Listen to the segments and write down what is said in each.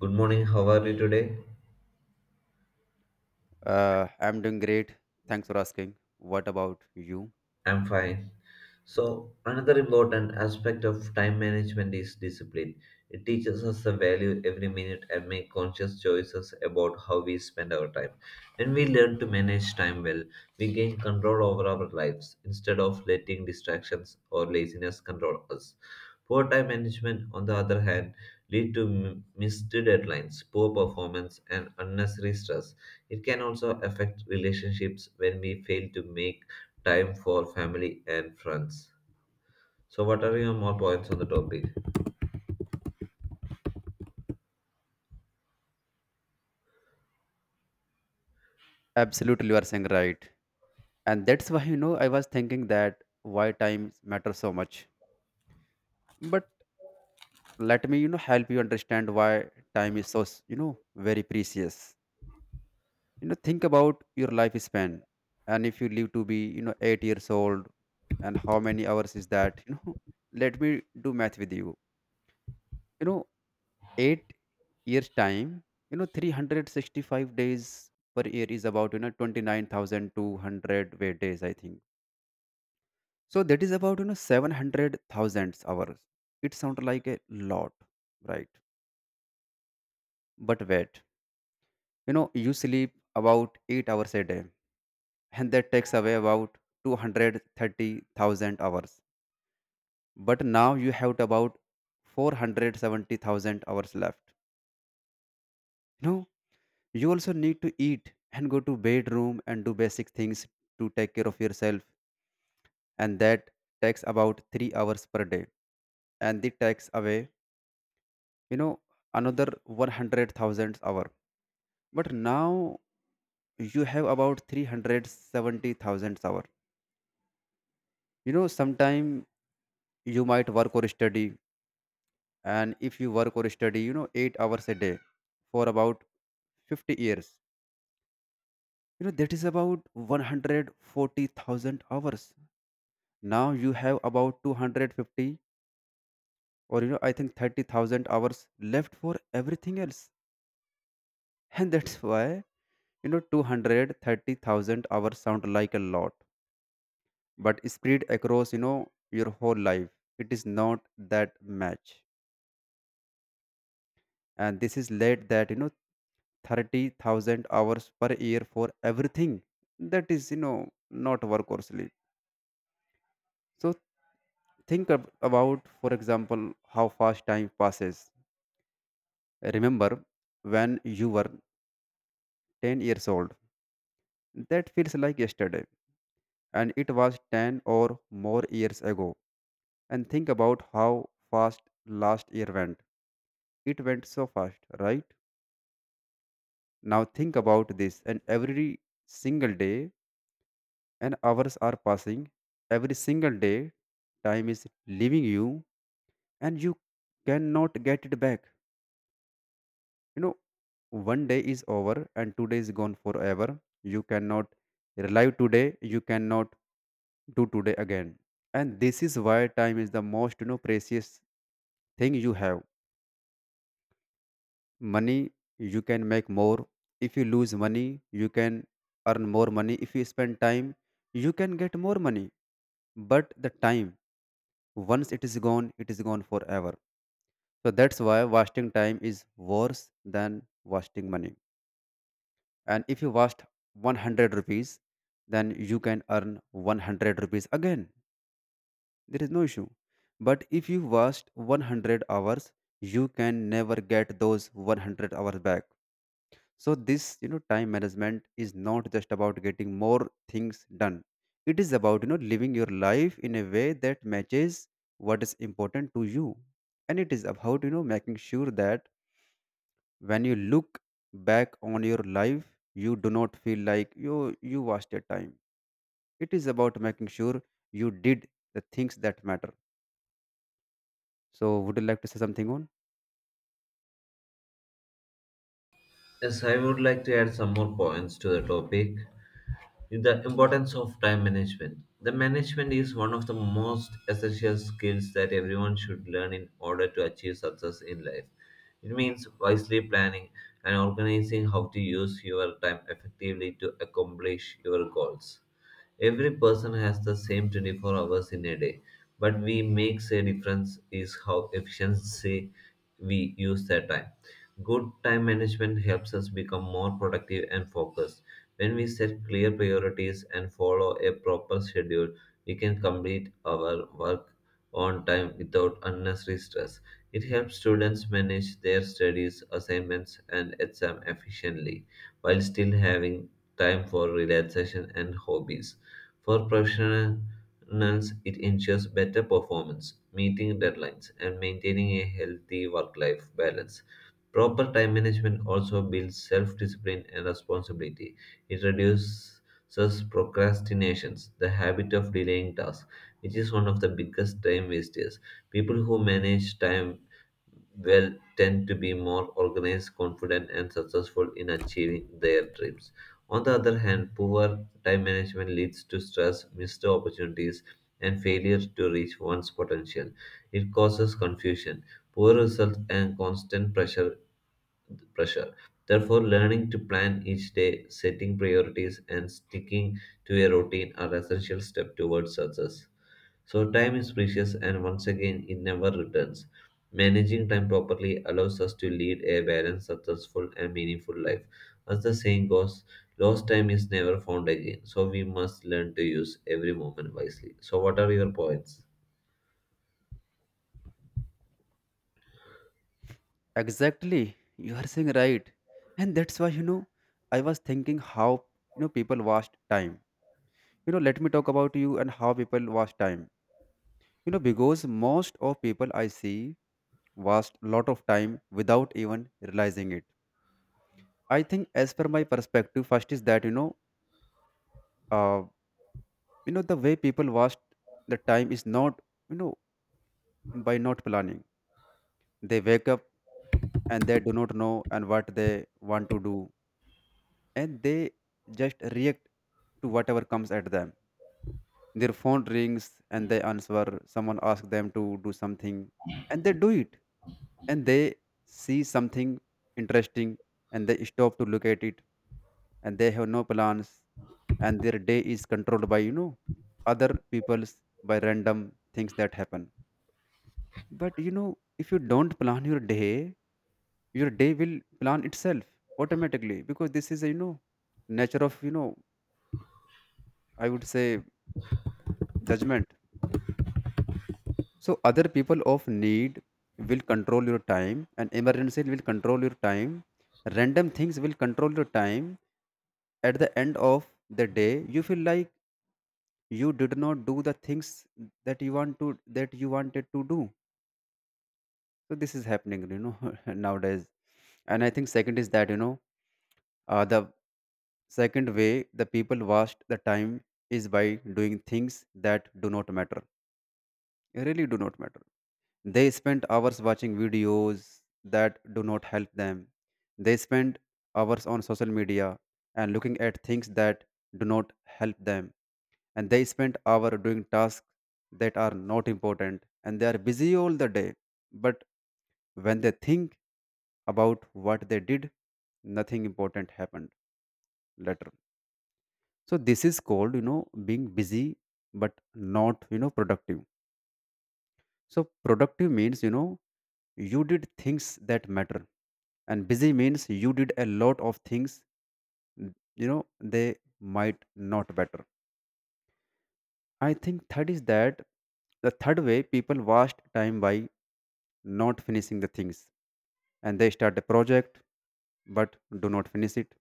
Good morning, how are you today? I'm doing great. Thanks for asking. What about you? I'm fine. So, another important aspect of time management is discipline. It teaches us the value every minute and make conscious choices about how we spend our time. When we learn to manage time well, we gain control over our lives instead of letting distractions or laziness control us. Poor time management, on the other hand, lead to missed deadlines, poor performance, and unnecessary stress. It can also affect relationships when we fail to make time for family and friends. So, what are your more points on the topic? Absolutely, you are saying right. And that's why, I was thinking that why time matters so much. But let me, help you understand why time is so, very precious. Think about your lifespan. And if you live to be, 8 years old, and how many hours is that? Let me do math with you. You know, 8 years time, 365 days per year is about, 29,200 way days, I think. So that is about, 700,000 hours. It sounds like a lot, right? But wait, you sleep about 8 hours a day, and that takes away about 230,000 hours. But now you have about 470,000 hours left. you know you also need to eat and go to bedroom and do basic things to take care of yourself, and that takes about 3 hours per day. And it takes away, you know another 100,000 hour. But now you have about 370,000 hour. Sometime you might work or study, and if you work or study, 8 hours a day for about 50 years, that is about 140,000 hours. Now you have about 250, or, I think, 30,000 hours left for everything else. And that's why, 230,000 hours sound like a lot, but spread across, your whole life, it is not that much. And this is led that, 30,000 hours per year for everything that is, not work or sleep. So think ab- about for example how fast time passes. Remember when you were 10 years old. That feels like yesterday, and it was 10 or more years ago. And think about how fast last year went. It went so fast, right? Now think about this, and every single day, and hours are passing. Every single day, time is leaving you, and you cannot get it back. You know, one day is over, and today is gone forever. You cannot relive today, you cannot do today again. And this is why time is the most, precious thing you have. Money you can make more. If you lose money, you can earn more money. If you spend time, you can get more money. But the time, once it is gone forever. So that's why wasting time is worse than wasting money. And if you waste 100 rupees, then you can earn 100 rupees again. There is no issue. But if you watched 100 hours, you can never get those 100 hours back. So this, time management is not just about getting more things done. It is about, living your life in a way that matches what is important to you. And it is about, making sure that when you look back on your life, you do not feel like you wasted time. It is about making sure you did the things that matter. So, would you like to say something on? Yes, I would like to add some more points to the topic. The importance of time management. The management is one of the most essential skills that everyone should learn in order to achieve success in life. It means wisely planning and organizing how to use your time effectively to accomplish your goals. Every person has the same 24 hours in a day, but we makes a difference is how efficiency we use that time. Good time management helps us become more productive and focused. When we set clear priorities and follow a proper schedule, we can complete our work on time without unnecessary stress. It helps students manage their studies, assignments, and exam efficiently while still having time for relaxation and hobbies. For professionals, it ensures better performance, meeting deadlines, and maintaining a healthy work life balance. Proper time management also builds self discipline and responsibility. It reduces procrastinations, the habit of delaying tasks, which is one of the biggest time wasters. People who manage time well tend to be more organized, confident, and successful in achieving their dreams. On the other hand, poor time management leads to stress, missed opportunities, and failure to reach one's potential. It causes confusion, poor results, and constant pressure. Therefore, learning to plan each day, setting priorities, and sticking to a routine are essential steps towards success. So, time is precious, and once again, it never returns. Managing time properly allows us to lead a balanced, successful, and meaningful life. As the saying goes, lost time is never found again, so we must learn to use every moment wisely. So, what are your points? Exactly, you are saying right, and that's why, I was thinking how, people waste time. Let me talk about you and how people waste time. Because most of people I see waste a lot of time without even realizing it. I think, as per my perspective, first is that, uh, the way people waste the time is not, you know by not planning. They wake up and they do not know and what they want to do, and they just react to whatever comes at them. Their phone rings and they answer. Someone asks them to do something and they do it. And they see something interesting, and they stop to look at it, and they have no plans, and their day is controlled by, other people's, by random things that happen. But, if you don't plan your day will plan itself automatically, because this is, a, nature of, I would say, judgment. So other people of need will control your time, and emergency will control your time. Random things will control your time. At the end of the day, you feel like you did not do the things that you want to that you wanted to do. So this is happening, nowadays. And I think second is that, the second way the people waste the time is by doing things that do not matter. Really do not matter. They spend hours watching videos that do not help them. They spend hours on social media and looking at things that do not help them. And they spend hour doing tasks that are not important, and they are busy all the day. But when they think about what they did, nothing important happened later. So this is called, being busy but not, productive. So productive means, you did things that matter. And busy means you did a lot of things, they might not matter. I think third is that the third way people waste time by not finishing the things. And they start a project but do not finish it.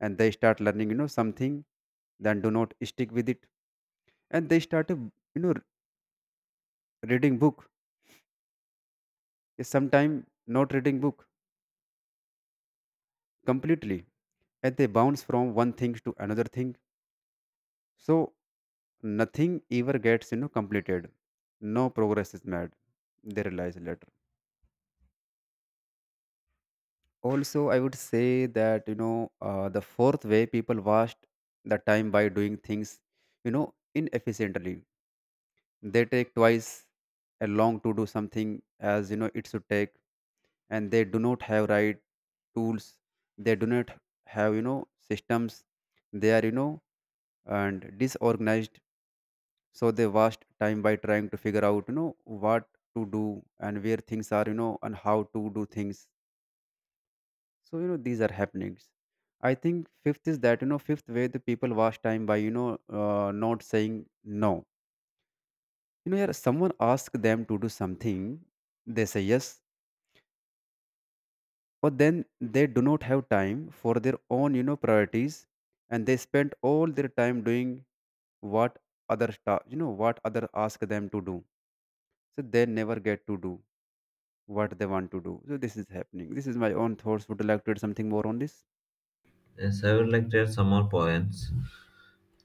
And they start learning, something, then do not stick with it. And they start, a, reading book. Is sometime not reading book completely, and they bounce from one thing to another thing. So nothing ever gets, completed. No progress is made. They realize later. Also I would say that, the fourth way people waste the time by doing things, you know inefficiently. They take twice as long to do something as, it should take. And they do not have right tools. They do not have, systems. They are, and disorganized. So they waste time by trying to figure out, what to do and where things are, and how to do things. So, these are happenings. I think fifth is that, fifth way the people waste time by, not saying no. Yeah, someone asks them to do something, they say yes, but then they do not have time for their own, priorities. And they spend all their time doing what, other ta- you know what other ask them to do. So they never get to do what they want to do. So this is happening. This is my own thoughts. Would you like to add something more on this? Yes, I would like to add some more points.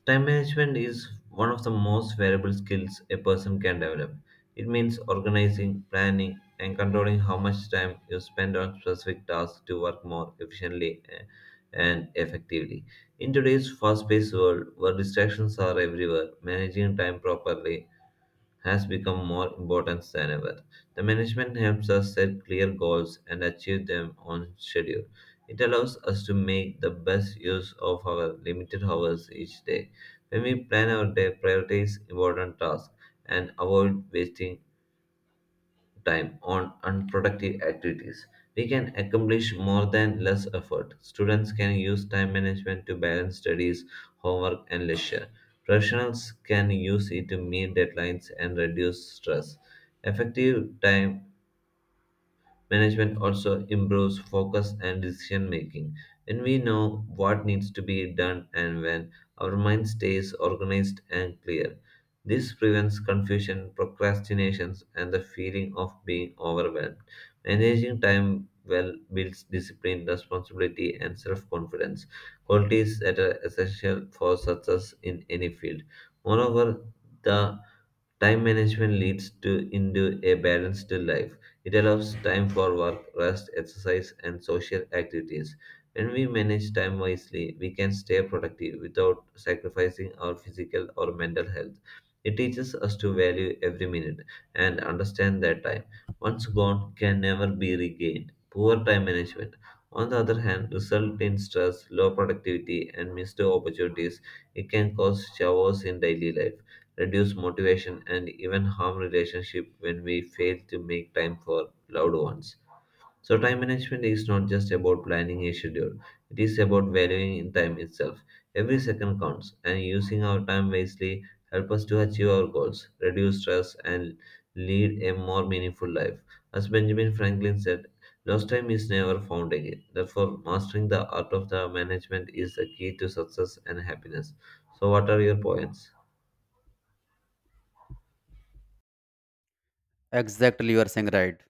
Time management is one of the most valuable skills a person can develop. It means organizing, planning, and controlling how much time you spend on specific tasks to work more efficiently and effectively. In today's fast paced world, where distractions are everywhere, managing time properly has become more important than ever. The management helps us set clear goals and achieve them on schedule. It allows us to make the best use of our limited hours each day. When we plan our day, prioritize important tasks and avoid wasting time on unproductive activities. We can accomplish more than less effort. Students can use time management to balance studies, homework, and leisure. Professionals can use it to meet deadlines and reduce stress. Effective time management also improves focus and decision making. When we know what needs to be done and when, our mind stays organized and clear. This prevents confusion, procrastinations, and the feeling of being overwhelmed. Managing time well builds discipline, responsibility, and self confidence, qualities that are essential for success in any field. Moreover, the time management leads to into a balanced life, it allows time for work, rest, exercise, and social activities. When we manage time wisely, we can stay productive without sacrificing our physical or mental health. It teaches us to value every minute and understand that time, once gone, can never be regained. Poor time management, on the other hand, result in stress, low productivity, and missed opportunities. It can cause chaos in daily life, reduce motivation, and even harm relationship when we fail to make time for loved ones. So time management is not just about planning a schedule. It is about valuing time itself. Every second counts, and using our time wisely help us to achieve our goals, reduce stress, and lead a more meaningful life. As Benjamin Franklin said, lost time is never found again. Therefore, mastering the art of the management is the key to success and happiness. So, what are your points? Exactly, you are saying right.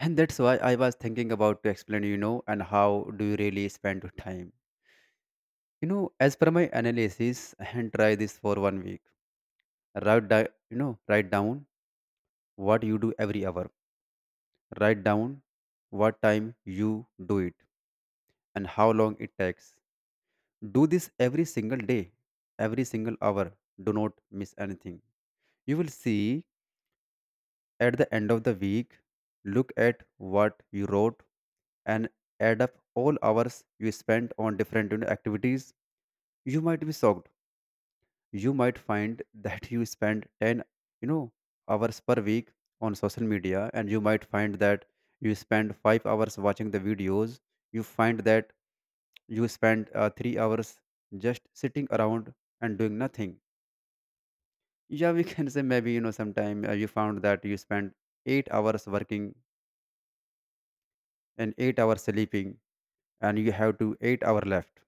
And that's why I was thinking about to explain, and how do you really spend your time? As per my analysis, and try this for one week. Write down, write down what you do every hour. Write down what time you do it and how long it takes. Do this every single day, every single hour. Do not miss anything. You will see. At the end of the week, look at what you wrote and add up all hours you spent on different, activities. You might be shocked. You might find that you spend 10, you know hours per week on social media, and you might find that you spend 5 hours watching the videos. You find that you spend, 3 hours just sitting around and doing nothing. Yeah, we can say maybe, sometime, you found that you spent 8 hours working and 8 hours sleeping, and you have to 8 hour left.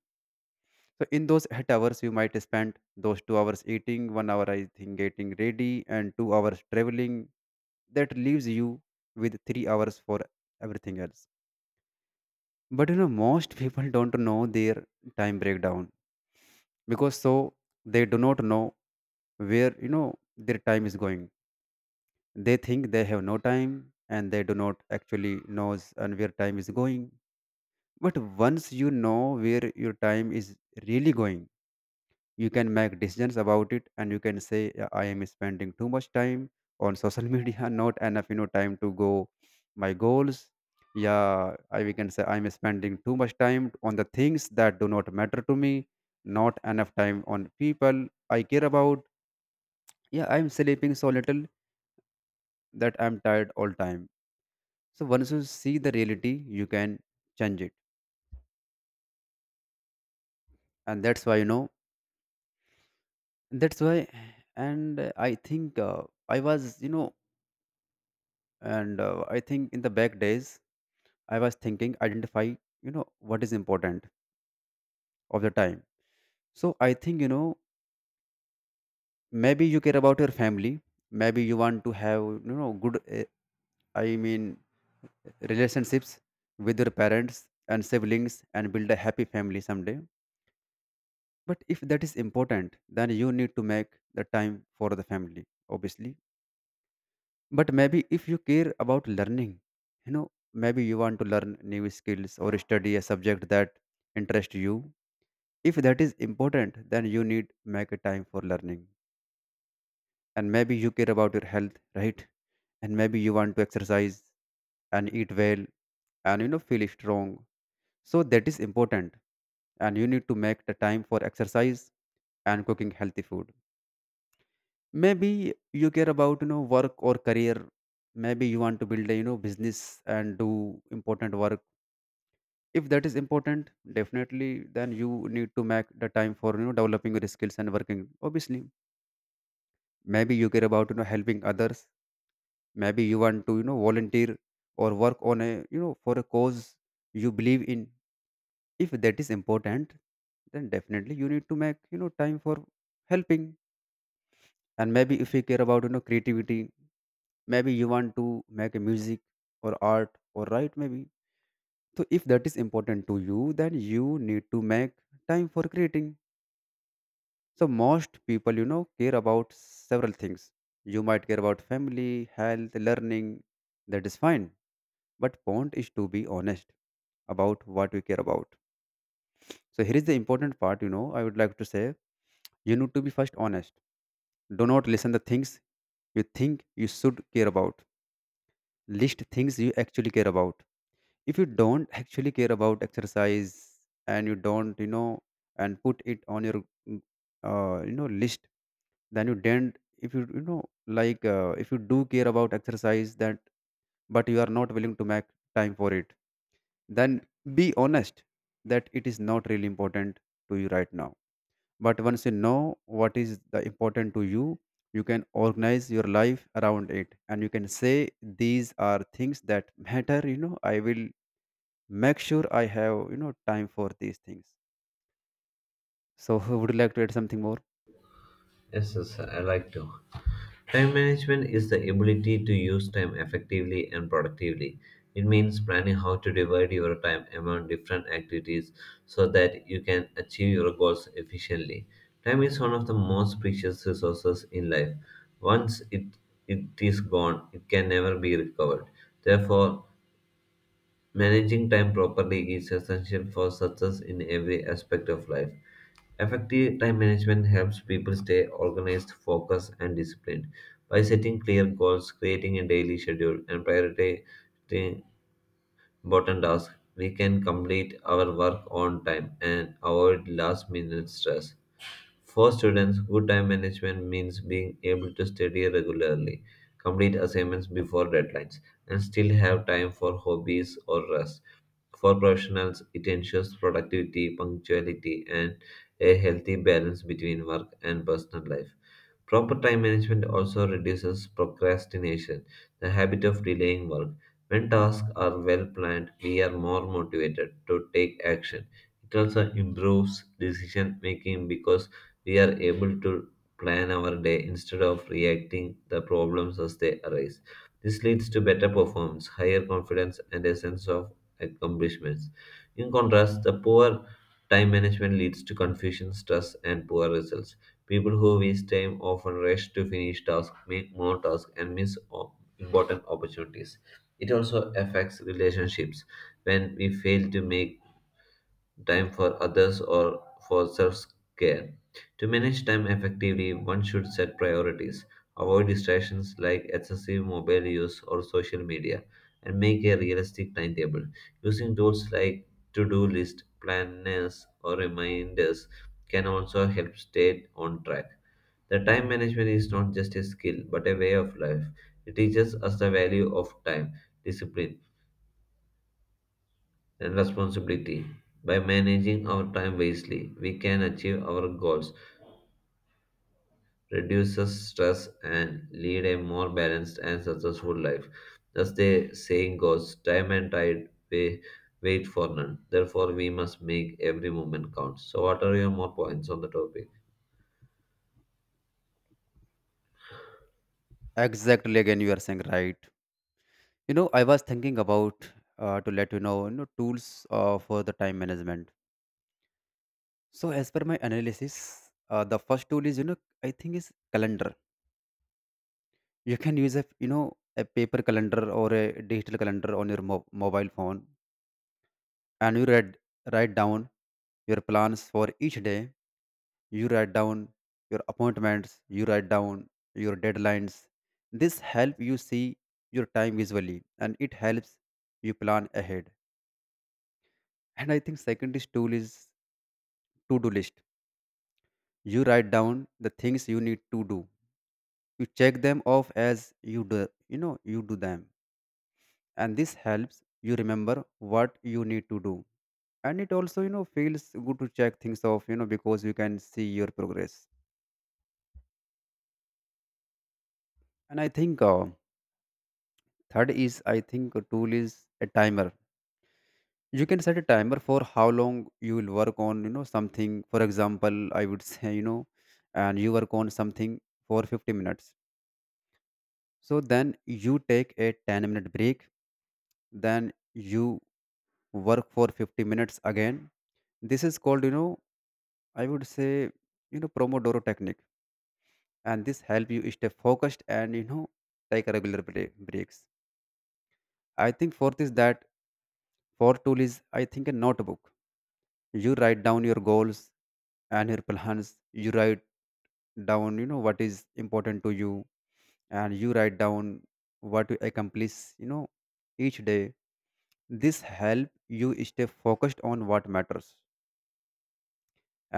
So in those 8 hours you might spend those 2 hours eating, 1 hour, I think, getting ready, and 2 hours traveling. That leaves you with 3 hours for everything else. But, most people don't know their time breakdown, because so they do not know where, their time is going. They think they have no time, and they do not actually knows and where time is going. But once you know where your time is really going, you can make decisions about it, and you can say, "Yeah, I am spending too much time on social media, not enough, time to go my goals. Yeah, I we can say I'm spending too much time on the things that do not matter to me, not enough time on people I care about. Yeah, I'm sleeping so little that I'm tired all time." So once you see the reality, you can change it. And that's why, and, I think, I was, you know, and I think in the back days, I was thinking, identify, what is important of the time. So I think, maybe you care about your family. Maybe you want to have, I mean, relationships with your parents and siblings and build a happy family someday. But if that is important, then you need to make the time for the family, obviously. But maybe if you care about learning, maybe you want to learn new skills or study a subject that interests you. If that is important, then you need make a time for learning. And maybe you care about your health, right? And maybe you want to exercise and eat well and feel strong. So that is important. And you need to make the time for exercise and cooking healthy food. Maybe you care about work or career. Maybe you want to build a business and do important work. If that is important, definitely then you need to make the time for developing your skills and working. Obviously, maybe you care about helping others. Maybe you want to volunteer or work on a for a cause you believe in. If that is important, then definitely you need to make time for helping. And maybe if you care about creativity, maybe you want to make a music or art or write maybe. So if that is important to you, then you need to make time for creating. So most people care about several things. You might care about family, health, learning. That is fine. But point is to be honest about what we care about. So here is the important part, I would like to say. You need to be first honest. Do not listen the things you think you should care about. List things you actually care about. If you don't actually care about exercise, and you don't and put it on your mm, list, then you don't. If you you know like if you do care about exercise that, but you are not willing to make time for it, then be honest that it is not really important to you right now. But once you know what is the important to you, you can organize your life around it and you can say these are things that matter. I will make sure I have time for these things. So would you like to add something more? Yes, I like to. Time management is the ability to use time effectively and productively. It means planning how to divide your time among different activities so that you can achieve your goals efficiently. Time is one of the most precious resources in life. Once it, it is gone, it can never be recovered. Therefore, managing time properly is essential for success in every aspect of life. Effective time management helps people stay organized, focused, and disciplined. By setting clear goals, creating a daily schedule, and prioritizing important tasks, we can complete our work on time and avoid last minute stress. For students, good time management means being able to study regularly, complete assignments before deadlines, and still have time for hobbies or rest. For professionals, it ensures productivity, punctuality, and a healthy balance between work and personal life. Proper time management also reduces procrastination, the habit of delaying work. When tasks are well planned, we are more motivated to take action. It also improves decision making because we are able to plan our day instead of reacting the problems as they arise. This leads to better performance, higher confidence, and a sense of accomplishments. In contrast, the poor time management leads to confusion, stress, and poor results. People who waste time often rush to finish tasks, make more tasks, and miss important opportunities. It also affects relationships. When we fail to make time for others or for self care. To manage time effectively, one should set priorities, avoid distractions like excessive mobile use or social media, and make a realistic timetable. Using tools like to do list, planners, or reminders can also help stay on track. The time management is not just a skill but a way of life. It teaches us the value of time, discipline, and responsibility. By managing our time wisely, we can achieve our goals, reduce stress, and lead a more balanced and successful life. Thus, the saying goes time and tide pay, wait for none. Therefore, we must make every moment count. So, what are your more points on the topic? Exactly, again you are saying right. I was thinking about to let you know tools for the time management. So as per my analysis, the first tool is, I think, is calendar. You can use a a paper calendar or a digital calendar on your mobile phone, and you read, write down your plans for each day. You write down your appointments, you write down your deadlines. This helps you see your time visually, and it helps you plan ahead. And I think second is tool is to do list. You write down the things you need to do, you check them off as you do, you do them. And this helps you remember what you need to do, and it also feels good to check things off, because you can see your progress. And I think third is, I think, a tool is a timer. You can set a timer for how long you will work on, something. For example, I would say, and you work on something for 50 minutes. So then you take a 10-minute break, then you work for 50 minutes again. This is called, you know, I would say, you know, Pomodoro technique. And this help you stay focused and, take regular breaks. I think for this, that for tool is, I think, a notebook. You write down your goals and your plans. You write down what is important to you, and you write down what you accomplish each day. This help you stay focused on what matters,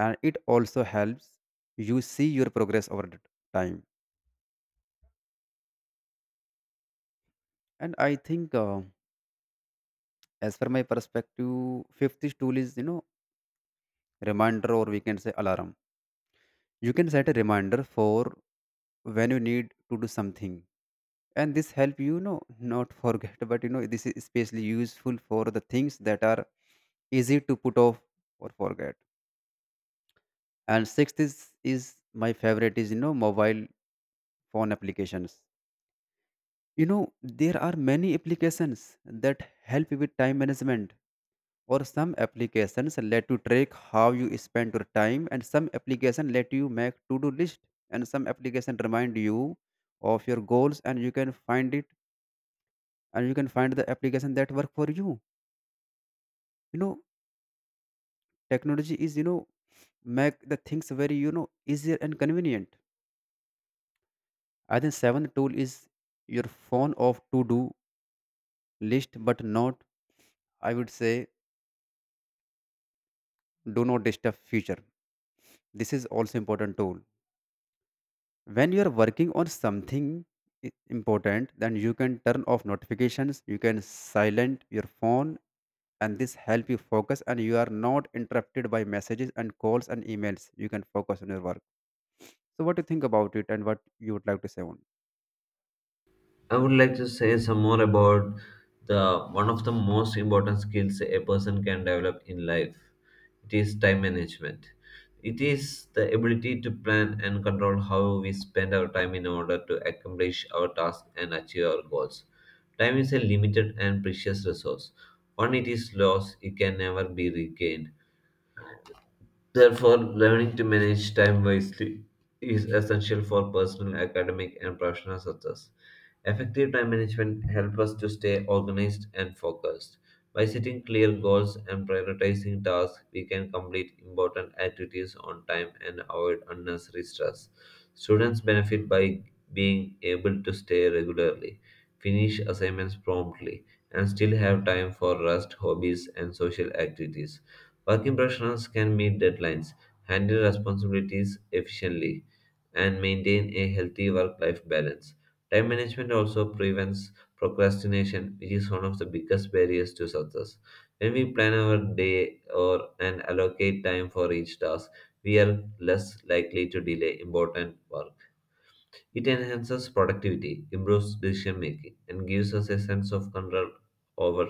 and it also helps you see your progress over the time. And I think as per my perspective, fifth is tool is, reminder, or we can say alarm. You can set a reminder for when you need to do something, and this help you, you know not forget but this is especially useful for the things that are easy to put off or forget. And sixth is my favorite is mobile phone applications. You know there are many applications that help with time management, or some applications let you track how you spend your time, and some application let you make to do list, and some application remind you of your goals, and you can find it, and you can find the application that work for you. You know Technology is make the things very easier and convenient. I think seventh tool is your phone of to do list, but not, I would say, do not disturb feature. This is also important tool. When you are working on something important, then you can turn off notifications, you can silent your phone, and this help you focus, and you are not interrupted by messages and calls and emails. You can focus on your work. So what do you think about it, and what you would like to say on? I would like to say some more about the one of the most important skills a person can develop in life. It is time management. It is the ability to plan and control how we spend our time in order to accomplish our tasks and achieve our goals. Time is a limited and precious resource. When it is lost, it can never be regained. Therefore, learning to manage time wisely is essential for personal, academic, and professional success. Effective time management helps us to stay organized and focused. By setting clear goals and prioritizing tasks, we can complete important activities on time and avoid unnecessary stress. Students benefit by being able to stay regularly, finish assignments promptly, and still have time for rest, hobbies, and social activities. Working professionals can meet deadlines, handle responsibilities efficiently, and maintain a healthy work life balance. Time management also prevents procrastination, which is one of the biggest barriers to success. When we plan our day or and allocate time for each task, we are less likely to delay important work. It enhances productivity, improves decision making, and gives us a sense of control over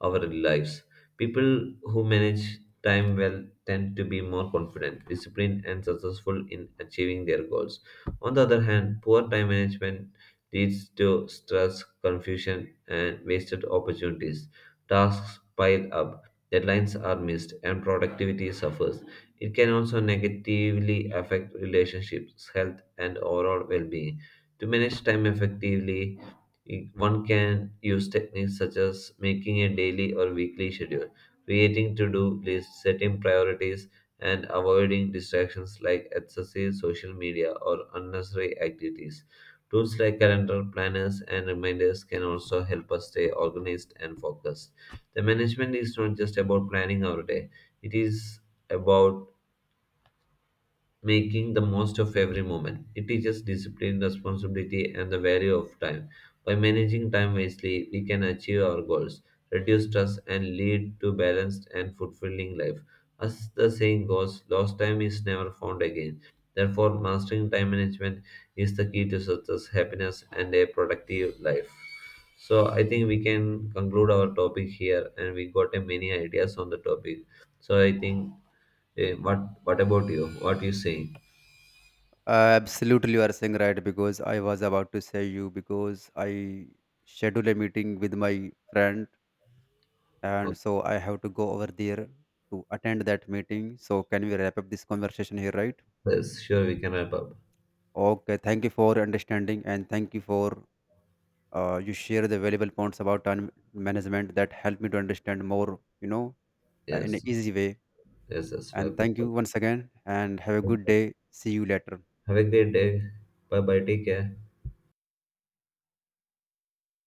our lives. People who manage time well tend to be more confident, disciplined, and successful in achieving their goals. On the other hand, poor time management leads to stress, confusion, and wasted opportunities. Tasks pile up, deadlines are missed, and productivity suffers. It can also negatively affect relationships, health, and overall well being. To manage time effectively, one can use techniques such as making a daily or weekly schedule, creating to do lists, setting priorities, and avoiding distractions like excessive social media or unnecessary activities. Tools like calendar planners and reminders can also help us stay organized and focused. The management is not just about planning our day, it is about making the most of every moment. It teaches discipline, responsibility, and the value of time. By managing time wisely, we can achieve our goals, reduce stress, and lead to balanced and fulfilling life. As the saying goes, lost time is never found again. Therefore, mastering time management is the key to success, happiness, and a productive life. So, I think we can conclude our topic here, and we got a many ideas on the topic. So, I think, what about you? What you saying? Absolutely, you are saying right, because I was about to say you, because I schedule a meeting with my friend, Oh, and so I have to go over there to attend that meeting. So can we wrap up this conversation here, right? yes, sure, we can wrap up. Okay, thank you for understanding, and thank you for you share the valuable points about time management that help me to understand more, in an Yes, easy way. yes. And Welcome. thank you once again, and have a good day. See you later. Have a great day. Bye bye. Take care.